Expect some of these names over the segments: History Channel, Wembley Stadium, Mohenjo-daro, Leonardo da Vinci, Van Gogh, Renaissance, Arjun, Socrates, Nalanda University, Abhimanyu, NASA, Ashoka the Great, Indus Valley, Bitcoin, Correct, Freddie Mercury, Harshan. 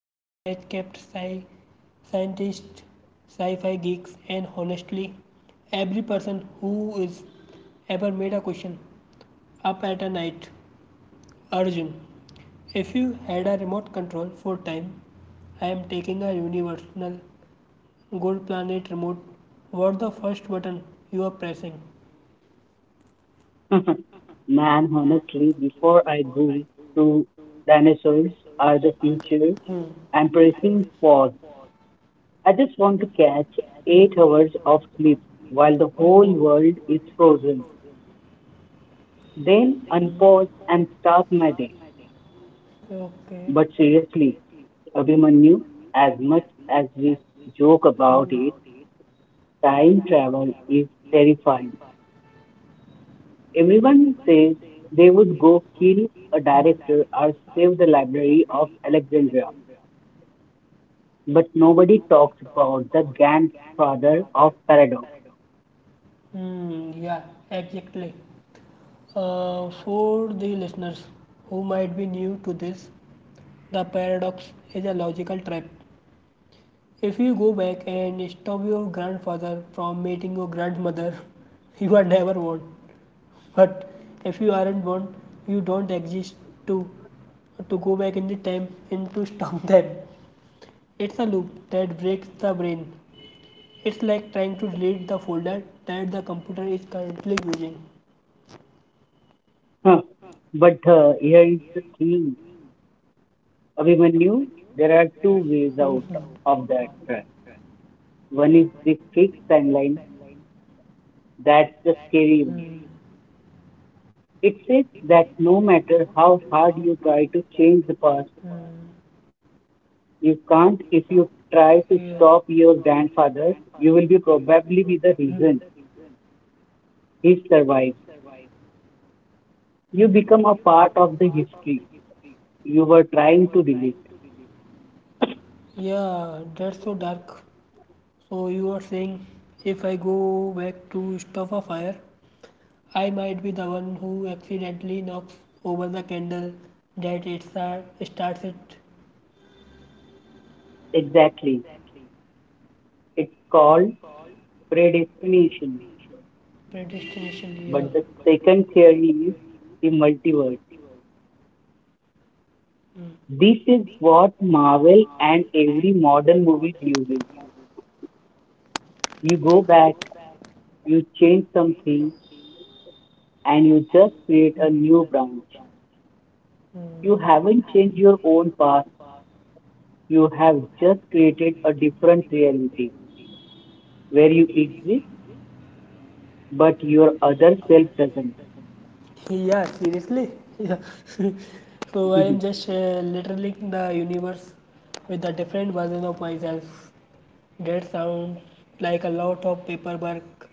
that has kept scientists, sci-fi geeks and honestly every person who is ever made a question up at a night. Arjun, if you had a remote control for time, I am taking a universal gold planet remote. What the first button you are pressing? Man, honestly, before I go to dinosaurs are the future, Hmm. Mhm. I'm pressing pause. I just want to catch 8 hours of sleep while the Oh, the whole whole world is world is frozen. frozen. Then unpause and start my day. Okay. But seriously, Abhimanyu, as much as we joke about it, time travel is terrifying. Everyone says they would go kill a director or save the library of Hmm. Alexandria, but nobody talks about the grandfather of paradox. Hmm, yeah, exactly. For the listeners who might be new to this, the paradox is a logical trap. If you go back and stop your grandfather from meeting your grandmother, you are never born. But if you aren't born, you don't exist to to go back in the time and to stop them. It's a loop that breaks the brain. It's like trying to delete the folder that the computer is currently using. Huh. But here is the thing, Abhimanyu, there are two ways out Mhm. of that trap. One is the fixed timeline, that's the scary one. Mm. It says that no matter how hard you try to change the past, Mm. you can't. If you try to Yeah. stop your grandfather, you will be probably be the reason Mm. he survives. You Mm. become a part of the history you were trying to delete. Yeah, that's so dark. So you are saying if I go back to stuff a fire, I might be the one who accidentally knocks over the candle that it starts it. Exactly. It's called predestination. Predestination. Yeah. But the second theory is the multiverse. Mm. This is what Marvel and every modern movie uses. You go back, you change something, and you just create a new branch. You Hmm. haven't changed your own past, you have just created a different reality where you exist, but your other self doesn't. Yeah, seriously. Yeah. so I am just literally the universe with a different version of myself. That sounds like a lot of paperwork,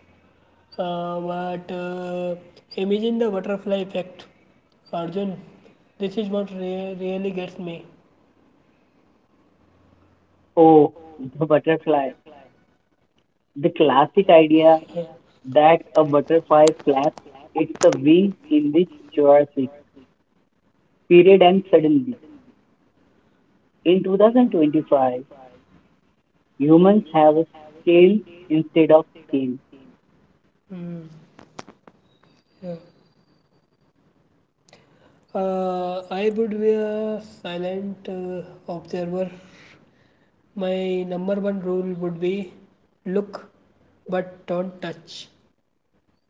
but imagine the butterfly effect, Arjun. This is what really gets me. Oh, the butterfly. The classic idea Yeah. that a butterfly flaps its wings in the Jurassic period and suddenly, in 2025, humans have a scale instead of skin. Mm. Yeah. I would be a silent observer. My number one rule would be look but don't touch,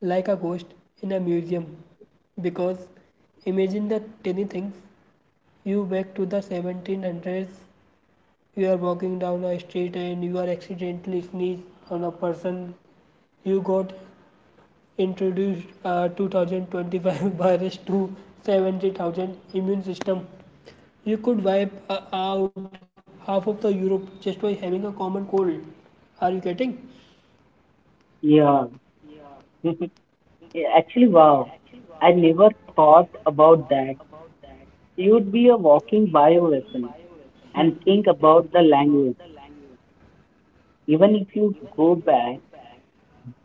like a ghost in a museum. Because imagine the tiny things you back to the 1700s, you are walking down a street and you are accidentally sneeze on a person. You got introduced 2025 virus to 70,000 immune system. You could wipe out half of the Europe just by having a common cold. Are you getting? Yeah. Yeah, actually, wow. I never thought about that. You would be a walking bioweapon, Hmm. and think about the language. Even if you go back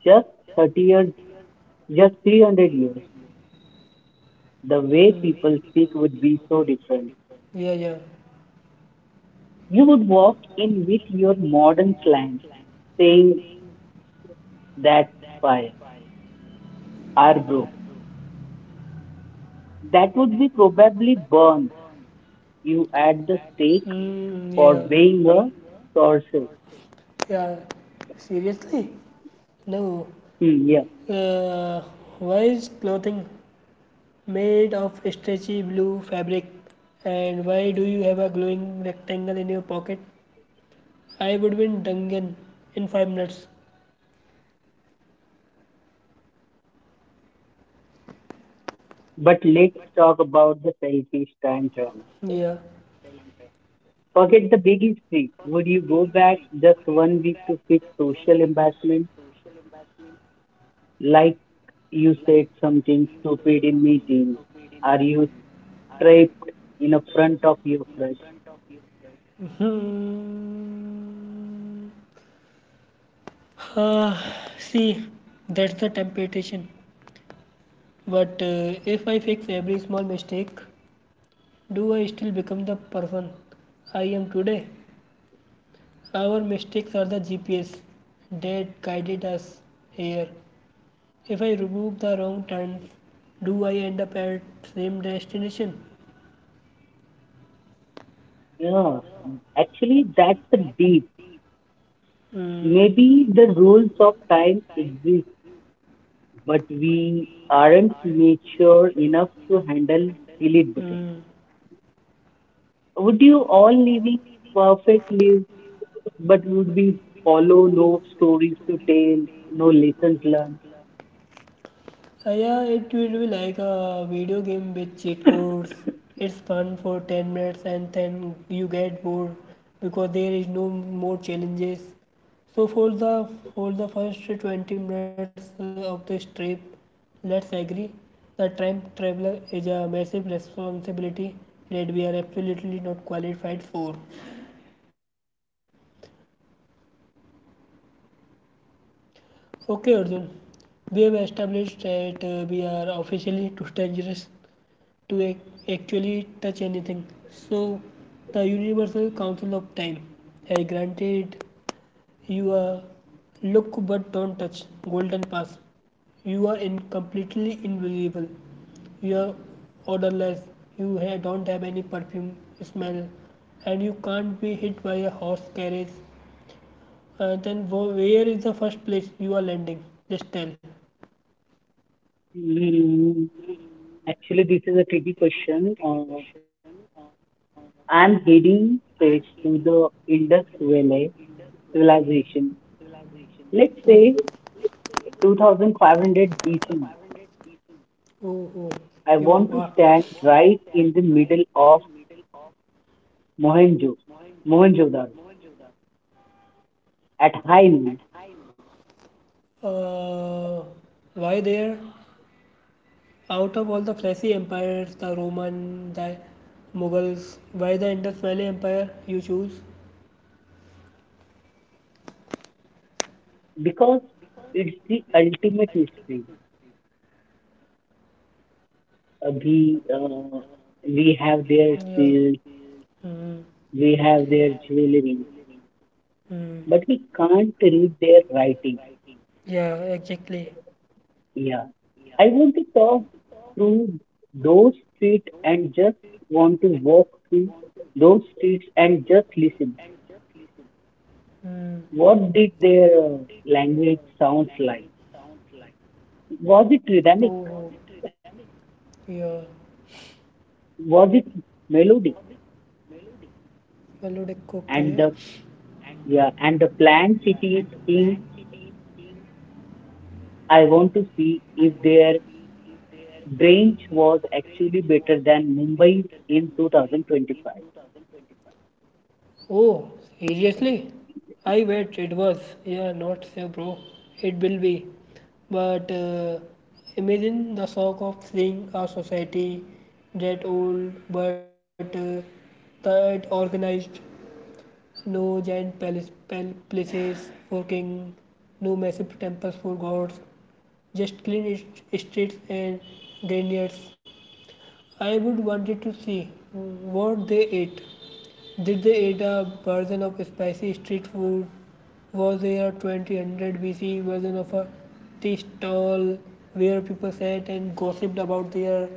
just 30 years, just 300 years, the way people Hmm. speak would be so different. Yeah, yeah. You would walk in with your modern slang, saying, "That's fire, our bro." That would be probably burn you at the stake Hmm. for Yeah. weighing a sorcerer. Yeah. Seriously? No. Hmm, yeah. Uh, why is clothing made of stretchy blue fabric? And why do you have a glowing rectangle in your pocket? I would win Dungan in 5 minutes. But let's talk about the selfish Yeah. time travel. Forget the big history. Would you go back just one week to fix social embarrassment? Like you said something stupid in meeting. Are you trapped in a front of your crush? Hmm. Uh, see, that's the temptation. But if I fix every small mistake, do I still become the person I am today? Our mistakes are the GPS that guided us here. If I remove the wrong turns, do I end up at same destination? Yeah, actually, that's the beat. Mm, Maybe the rules of time exist, but we aren't mature enough to handle delete button. mm. Would you all living perfect lives, but would we follow no stories to tell, no lessons learned? Yeah, it will be like a video game with cheat codes. It's fun for 10 minutes and then you get bored because there is no more challenges. So for the first 20 minutes of this trip, let's agree that time traveler is a massive responsibility that we are absolutely not qualified for. Okay, Arjun, we have established that we are officially too dangerous to actually touch anything. So, the Universal Council of Time has granted you a look but don't touch golden pass. You are in completely invisible. You are odorless. You don't have any perfume smell, and you can't be hit by a horse carriage. Then where is the first place you are landing? Just tell. Hmm, actually, this is a tricky question. I'm heading straight to the Indus Valley civilization. Let's Oh, say 2500 BC. oh, oh, I yo, want wow. to stand right in the middle of Mohenjo, Mohenjo-daro at high noon Uh, why there? Out of all the flashy empires, the Roman, the Mughals, why the Indus Valley Empire you choose? because it's the ultimate mystery. Uh, we uh, we have their Yeah. seals, Mm, we have their jewelry, mm, but we can't read their writing. yeah, exactly. Yeah, I want to talk through those streets and just want to walk through those streets and just listen. Mm. What did their language sounds like? Was it Oh, rhythmic? wow. Yeah. Was it melodic? Melodic, okay. And the yeah, and the planned city thing, I want to see if their branch was actually better than Mumbai's in 2025. Oh, seriously? I bet it was. Yeah, not so, bro. It will be. But imagine the shock of seeing a society that old but that organized. No giant palace, places for king, no massive temples for gods, just clean streets and granaries. I would wanted to see what they ate. Did they eat a version of spicy street food? Was there a 2000 BC version of a tea stall where people sat and gossiped about their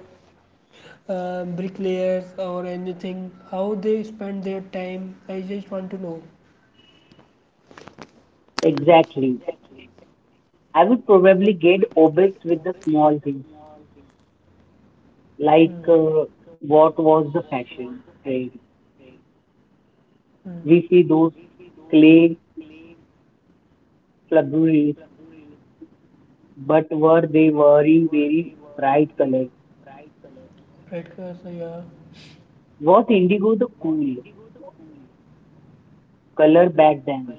bricklayers or anything? How they spent their time? I just want to know. Exactly. I would probably get obsessed with the small things, like Hmm. What was the fashion trend. Hmm. We see those clay flaburies, but were they wearing very bright colors? Red cursor, yeah. Was indigo the cool color back then?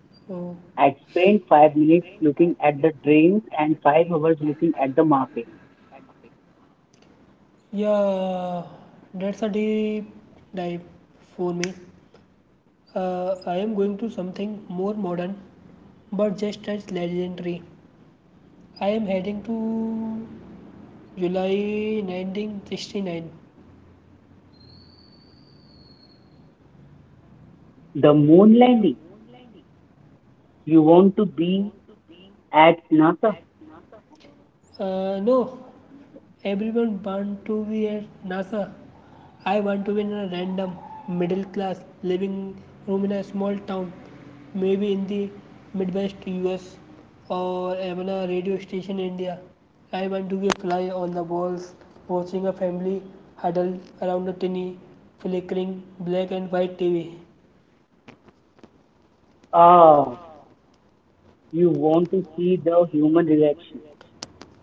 So, I spent 5 minutes looking at the trains and 5 hours looking at the market. yeah, that's a deep dive for me. I am going to something more modern but just as legendary. I am heading to July 1969. The moon landing. You want to be at NASA? No, everyone wants to be at NASA. I want to be in a random middle class living room in a small town, maybe in the Midwest US or even a radio station in India. I want to be a fly on the walls, watching a family huddled around a tiny flickering black and white TV. Ah, you want to see the human reaction.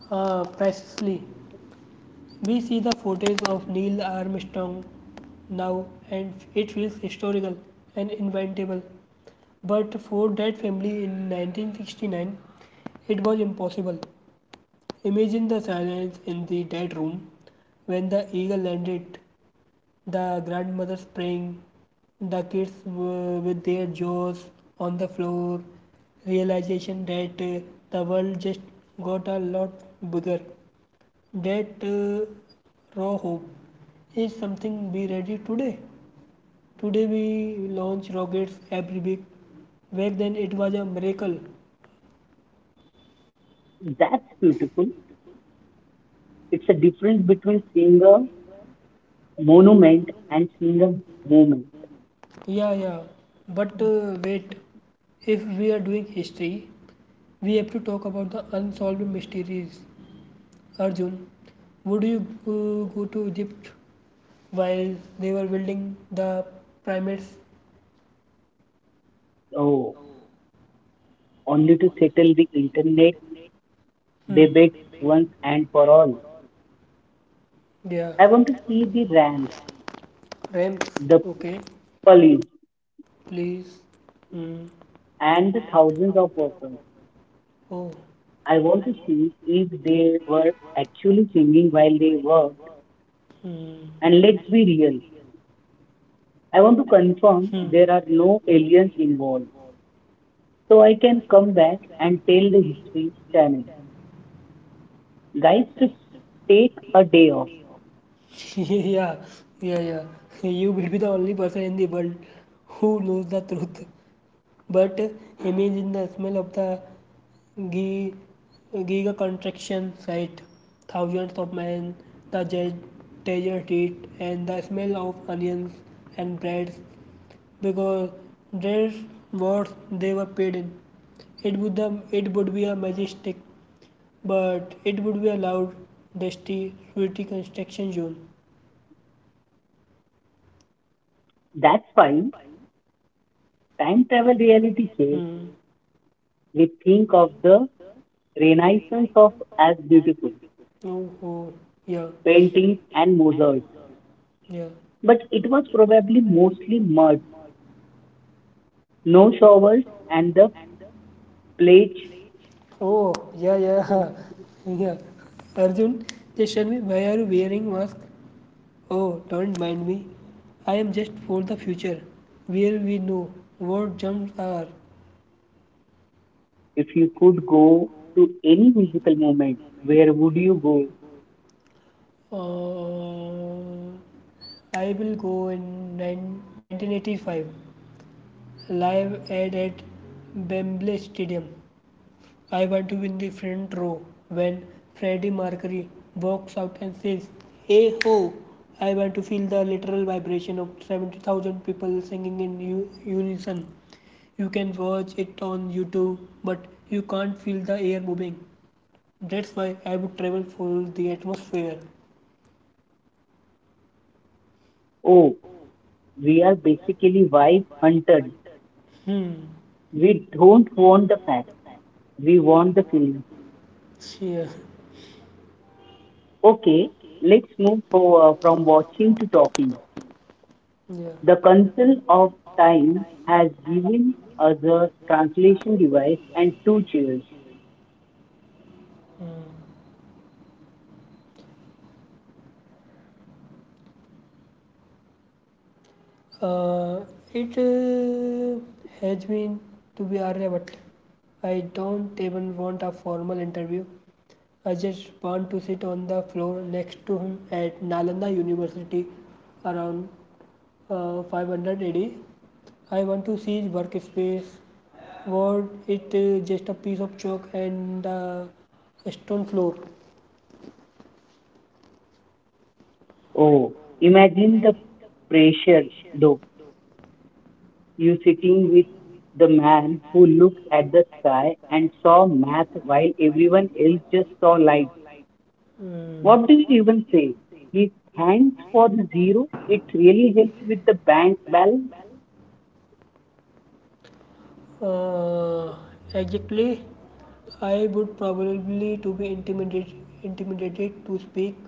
Ah, precisely. We see the footage of Neil Armstrong now and it feels historical and inventable. But for that family in 1969, it was impossible. Imagine the silence in the dead room when the eagle landed, the grandmother praying, the kids with their jaws on the floor, realization that the world just got a lot bigger, that raw hope is something. Be ready today. Today we launch rockets every week. Back then it was a miracle. That's beautiful. It's a difference between seeing a monument and seeing a moment. Yeah, yeah. But wait, if we are doing history, we have to talk about the unsolved mysteries. Arjun, would you go to Egypt while they were building the pyramids? Oh, only to settle the internet Hmm. debates once and for all. Yeah, I want to see the Rams, ramps. the Okay, police, please. Mm. and the thousands of workers. Oh. I want to see if they were actually singing while they worked. Mm. And let's be real, I want to confirm there are no aliens involved, so I can come back and tell the History Channel guys to take a day off. Yeah, yeah, yeah, you will be the only person in the world who knows the truth, but imagine the smell of the gi- giga contraction site, thousands of men, the desert heat and the smell of onions and breads, because that's what they were paid in. It would the, it would be a majestic, but it would be allowed. Dusty, sweaty construction zone. That's fine. Time travel reality check. Mm. We think of the Renaissance of as beautiful Oh, oh, yeah, paintings and mosaics. yeah. But it was probably mostly mud, no showers, and the plague. Oh, yeah, yeah, yeah. Arjun, just tell me why are you wearing mask? Oh, don't mind me. I am just for the future, where we know what jumps are. If you could go to any musical moment, where would you go? Uh, I will go in 1985, live at Wembley Stadium. I want to be in the front row when Freddie Mercury walks out and says, "Hey ho!" I want to feel the literal vibration of 70,000 people singing in unison. You can watch it on YouTube, but you can't feel the air moving. That's why I would travel for the atmosphere. Oh, we are basically vibe hunters. Hmm. We don't want the facts. We want the feeling. Yeah. Okay, let's move from watching to talking. Yeah. The council of time has given us a translation device and two chairs. Hmm. Uh, it has been to be Arya, but I don't even want a formal interview. I just want to sit on the floor next to him at Nalanda University around 500 AD. I want to see his workspace, what it just a piece of chalk and a stone floor. Oh, imagine the pressure though, you sitting with the man who looked at the sky and saw math while everyone else just saw lights. Mm. What do you even say? He thanks for the zero. It really helps with the bank balance. Uh, exactly. I would probably to be intimidated to speak,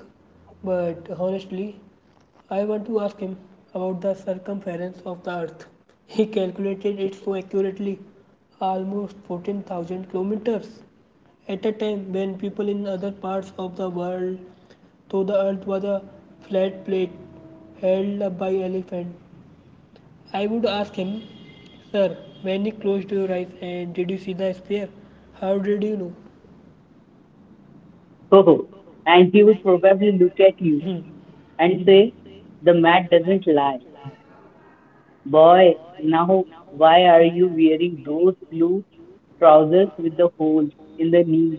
but honestly, I want to ask him about the circumference of the earth. He calculated it so accurately, almost 14,000 kilometers. At a time when people in other parts of the world thought the earth was a flat plate held up by elephants. I would ask him, "Sir, when you closed your eyes and did you see the sphere? How did you know?" Ho ho. And he would probably look at you and say, "The math doesn't lie. Boy, now why are you wearing those blue trousers with the holes in the knee?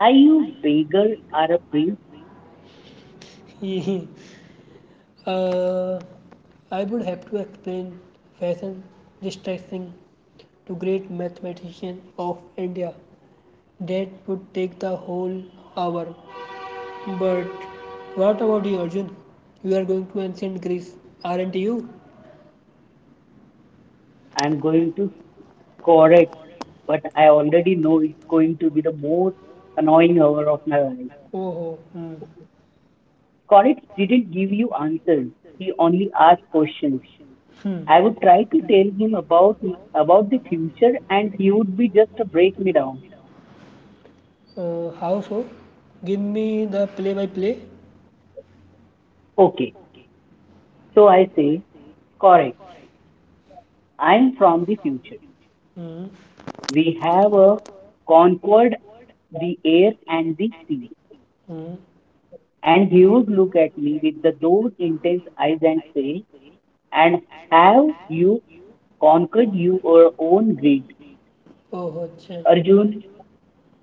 Are you beggar or a priest?" Oh, and you would probably I would have to explain fashion distressing to great mathematician of India. That would take the whole hour. But what about you, Arjun? You are going to ancient Greece, aren't you? I'm I'm going to going to Correct. foreign, But I but already I. know it's going to be the most annoying hour of my life. Oh, hmm. Correct didn't give you answers. He only asked questions. Hmm. I would try to tell him about the future and he would be just to break me down. How so? Give me the play by play. Okay. So I say, "Correct, I'm from the future. Hmm. We have a conquered the air and the sea." Hmm. And he would look at me with the, those intense eyes and say, "And have you conquered your own greed? Oh, अच्छा. Arjun,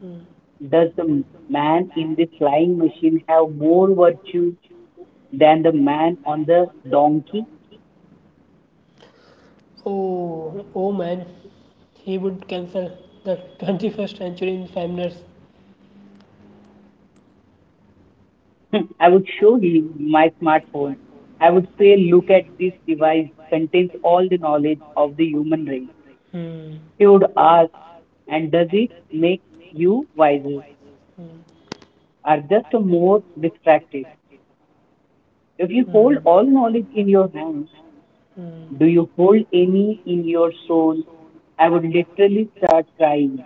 Hmm. does the man in the flying machine have more virtue than the man on the donkey?" Oh, oh man. He would cancel the 21st century in 5 minutes. I would show him my smartphone. I would say, "Look at this device, contains all the knowledge of the human race." Hmm. He would ask, "And does it make you wiser Hmm. or just more distracted? If you hold Hmm. all knowledge in your hands, Hand. do you hold any in your soul?" I would literally start crying.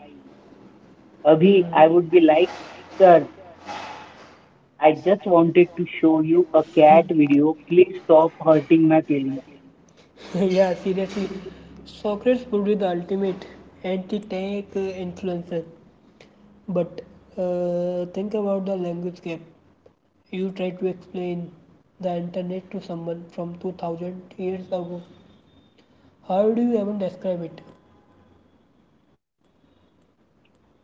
Abhi, I would be like, "Sir, I just wanted to show you a cat video. Please stop hurting my feelings." Hmm. Yeah, seriously. Socrates would be the ultimate anti-tank influencer. But think about the language gap. You try to explain the internet to someone from 2000 years ago. How do you even describe it?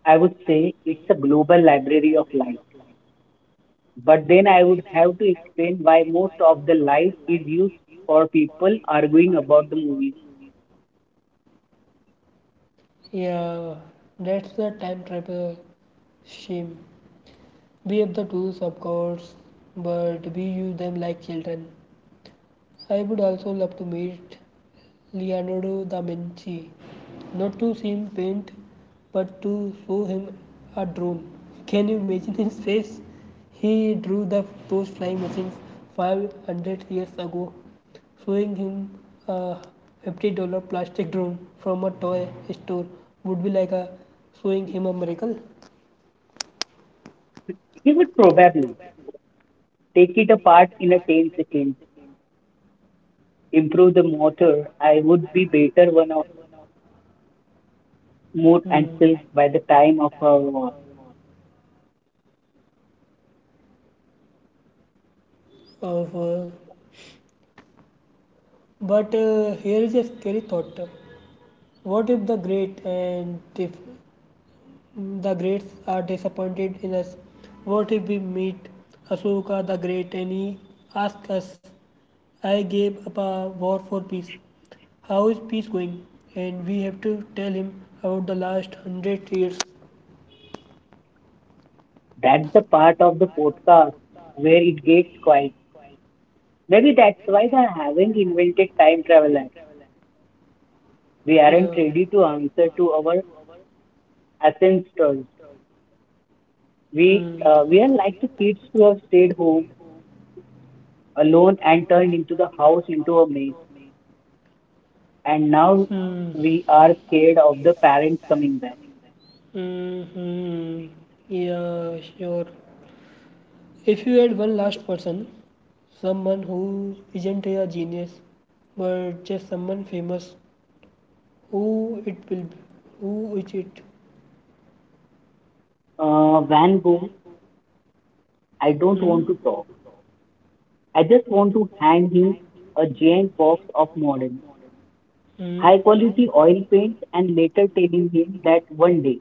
I would say it's a global library of life. But then I would have to explain why most of the life is used for people arguing about the movie. Yeah, that's the time travel shame. We have the tools, of course, but we use them like children. I would also love to meet Leonardo da Vinci, not to see him paint, but to show him a drone. Can you imagine his face? He drew the first flying machines 500 years ago. Showing him a $50 plastic drone from a toy store would be like a showing him a miracle. He would probably take it apart in a 10 seconds, improve the motor. I would be better one more and Hmm. silk by the By time the of time our. of, but here is a scary thought. What if the great and if The Greats are disappointed in us. What if we meet Ashoka the Great and he asks us, "I gave up a war for peace. How is peace going?" And we have to tell him about the last 100 years. That's the part of the podcast where it gets quiet. Maybe that's why they haven't invented time travelers. We Yeah. aren't ready to answer to our ancestors. We Hmm. Are like the kids who have stayed home alone and turned into the house into a maze. And now Hmm. we are scared of the parents coming back. Mm-hmm. Yeah, sure. If you had one last person, someone who isn't a genius, but just someone famous, who it will be? Who is it? Van Gogh, I don't Hmm? want to talk. I just want to hand him a giant box of models, Hmm. high quality oil paints, and later telling him that one day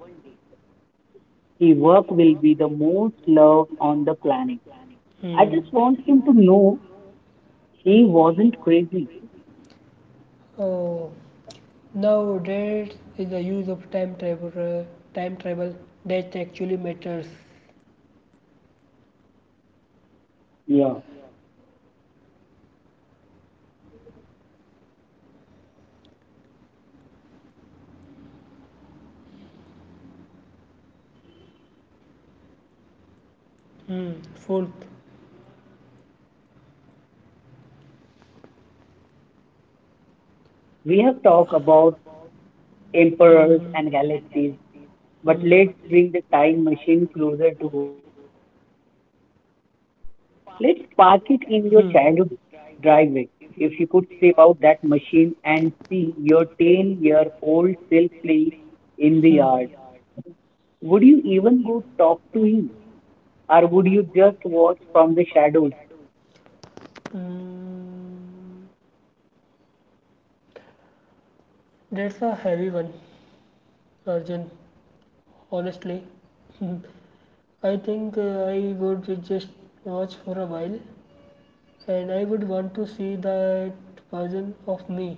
his work will be the most loved on the planet. I Hmm. just want him to know he wasn't crazy. Oh, now there is the use of time travel. Time travel that actually matters. Yeah, Hmm. Fourth. we have talked about emperors Hmm. and And galaxies, galaxies. but Hmm. let's But bring let's the bring the time time machine machine closer to closer home. to you. Let's park it in your Past it in childhood your childhood. Hmm. driveway. If you could step out that machine and see your 10-year-old self playing in the yard, would you even go talk to him? Or would you just watch from the shadows? Mm, that's a heavy one, Arjun. Honestly, I think I would just watch for a while and I would want to see that version of me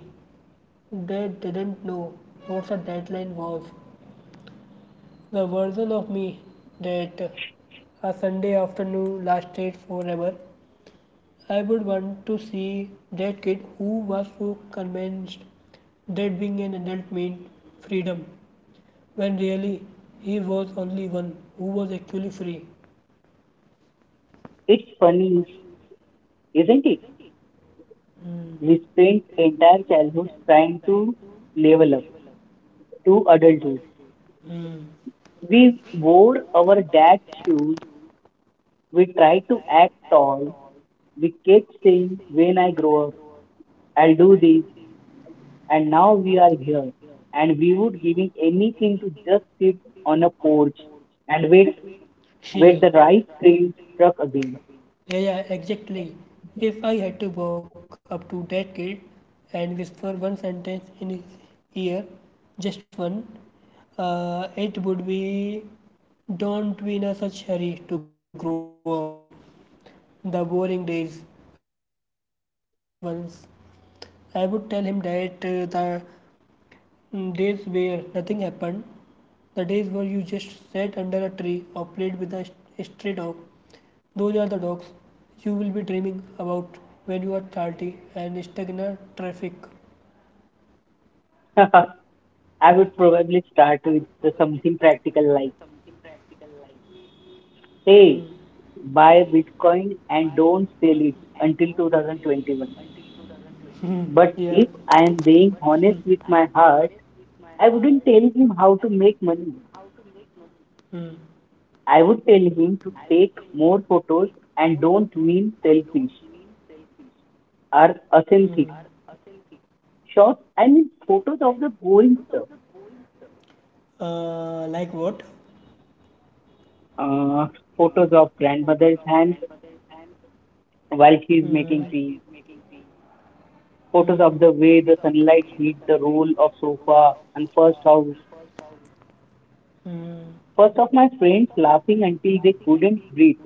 that didn't know what the deadline was. The version of me that a Sunday afternoon lasted forever. I would want to see that kid who was so convinced that being an adult meant freedom when really he was only one who was actually free. It's funny, isn't it? Mm. We spent entire childhoods trying to level up to adulthood. Mm. We wore our dad's shoes. We tried to act tall. We kept saying, "When I grow up, I'll do this." And now we are here. And we would giving anything to just sit on a porch and wait, Sheer. the right train truck again. Yeah, yeah, exactly. If I had to walk up to that kid and whisper one sentence in his ear, just one, it would be don't be in a such hurry to grow up. The boring days are actually the best ones. I would tell him that days where nothing happened. The days where you just sat under a tree or played with a stray dog, those are the dogs you will be dreaming about when you are 30 and stuck in a traffic. I would probably start with the something practical like, Hmm. "Hey, buy Bitcoin and don't sell it until 2021." Hmm. Yeah. But if I am Hmm. being honest with my heart, I wouldn't tell him how to make money. Hmm. I would tell him to take more photos, and don't mean selfish or Hmm. authentic shots. I mean photos of the boring stuff. Like what? Uh, photos of grandmother's hands while she's Hmm. making tea, Hmm. photos of the way the sunlight hit the roll of sofa and first house. Hmm. First of my friends laughing until they couldn't breathe,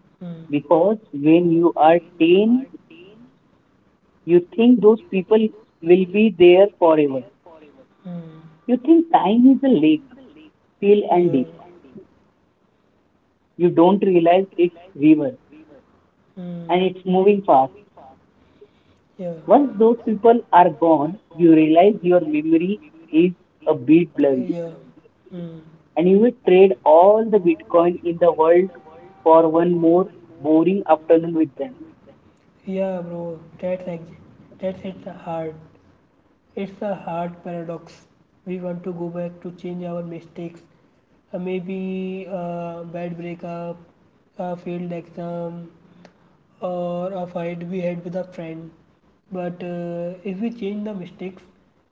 Hmm. because when you are 10, you think those people will be there forever. Mm. You think time is a lake, still and Yeah. deep. You don't realize it's river Mm. and it's moving fast. Yeah. Once those people are gone, you realize your memory is a bit blurry, Yeah. Mm. and he would trade all the Bitcoin in the world for one more boring afternoon with them. Yeah, bro. That's ex- that's it's a hard. It's a hard paradox. We want to go back to change our mistakes. Maybe a bad breakup, a failed exam, or a fight we had with a friend. But if we change the mistakes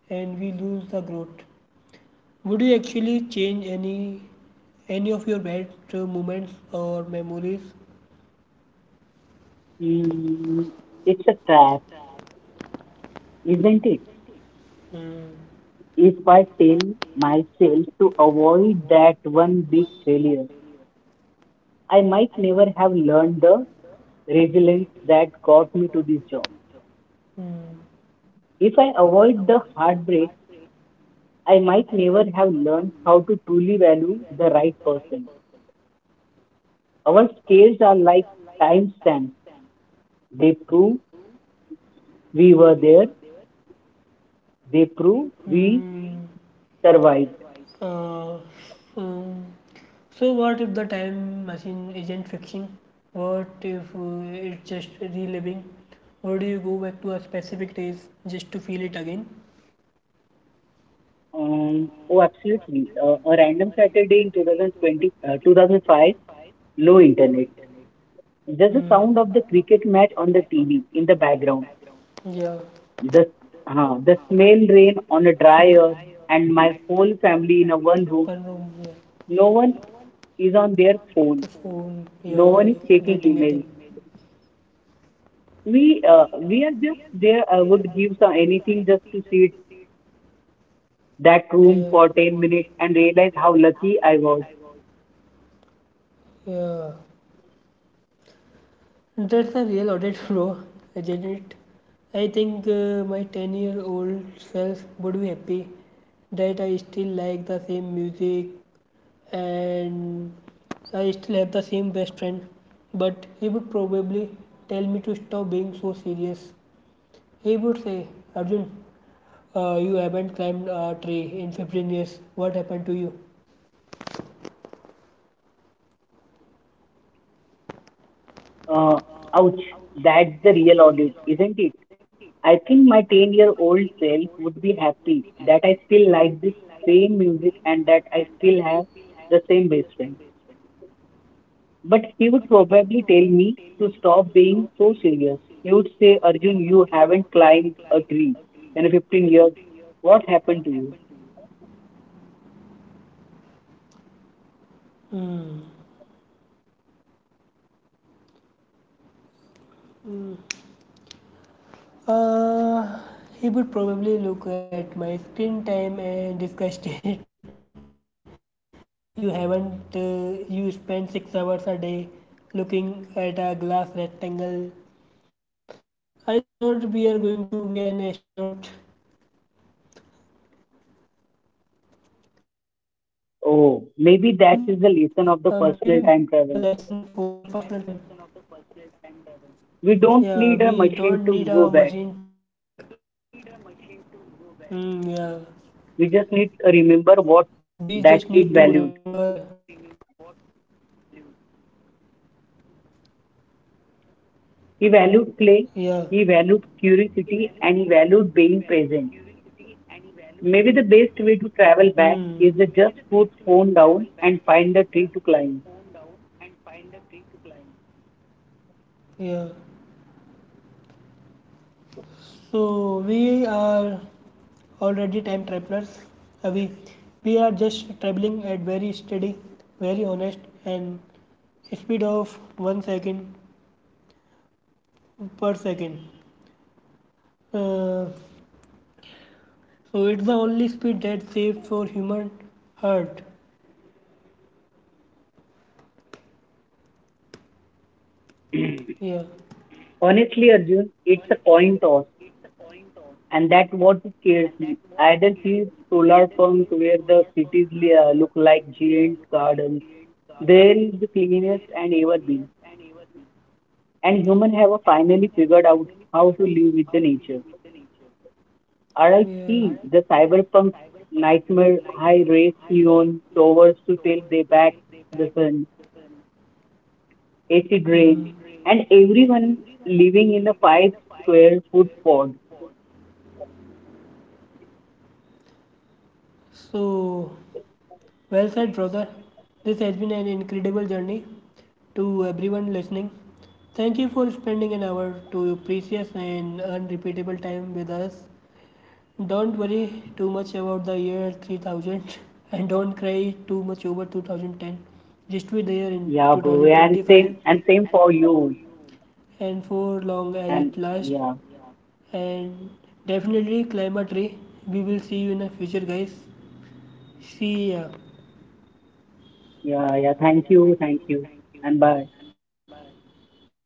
and we lose the growth, would you actually change any of your bad moments or memories? Mm, it's a trap, isn't it? Mm, If I tell myself to avoid that one big failure, I might never have learned the resilience that got me to this job. mm, If I avoid the heartbreak, I might never have learned how to truly value the right person. Our scales are like timestamps. They prove we were there They prove we mm, survived. uh, mm. So what if the time machine isn't fixing? What if it's just reliving? Would you go back to a specific days just to feel it again? Oh, absolutely. A random Saturday in 2020, 2005, no internet. Just the sound Mm. of the cricket match on the TV in the background. Yeah. The, the smell rain on a dry Hmm. earth and my whole family in a one room. One room. Yeah. No one is on their The phone. phone. Yeah. No one No. is checking Getting, emails. getting. We are just there. I would give some anything just to sit that room Yeah. for 10 minutes and realize how lucky I was. Yeah. That's a real audit, bro. I did it. I think my 10-year-old self would be happy that I still like the same music and I still have the same best friend. But he would probably tell me to stop being so serious. He would say, "Arjun, you haven't climbed a tree in 15 years. What happened to you?" Uh, ouch, that's the real audit, isn't it? I think my 10-year-old self would be happy that I still like this same music and that I still have the same best friend. But he would probably tell me to stop being so serious. He would say, "Arjun, you haven't climbed a tree in 15 years. What happened to you?" Uh, he would probably look at my screen time and discuss it. "You haven't, you spend 6 hours a day looking at a glass rectangle. I thought we are going to be an astronaut, Arjun." Maybe Oh, that's a maybe that is lesson the for the lesson of the personal time. personal time travel. Yeah, we don't need a We machine to don't go need back. a machine to go back. Mm, yeah, we We just just need to need to remember remember. what that kid valued. Yeah. He valued play, he valued curiosity, and he valued being present. Mm. Maybe the best way to travel back is to just put phone down and find a tree to climb. Yeah. So we are already time travelers. Uh, we we are just traveling at very steady, very honest and speed of 1 second per second. Uh, so it's the only speed that's safe for human heart. Yeah. Honestly, Arjun, it's a coin toss, and that's what scares me. I either see solar punk where the cities look like giant gardens, there is the cleanest and ever been, and humans have finally figured out how to live with the nature. Alright, Yeah. see the cyberpunk nightmare, high race neon towers to till they back the sun, acid rain, Disintegrate, and and everyone everyone living in a living in five a five square foot square foot pod. pod. So, well said, brother. This has been an incredible journey to everyone listening. Thank you for spending an hour to your precious and unrepeatable time with us. Don't worry too much about the year 3000 and don't cry too much over 2010. Just be there in Yeah, bro, and 2025 same for you. and for long as And it lasts. yeah, And definitely climb a tree. We will see you in the future, guys. See ya. yeah, yeah. Thank you, and bye. Bye.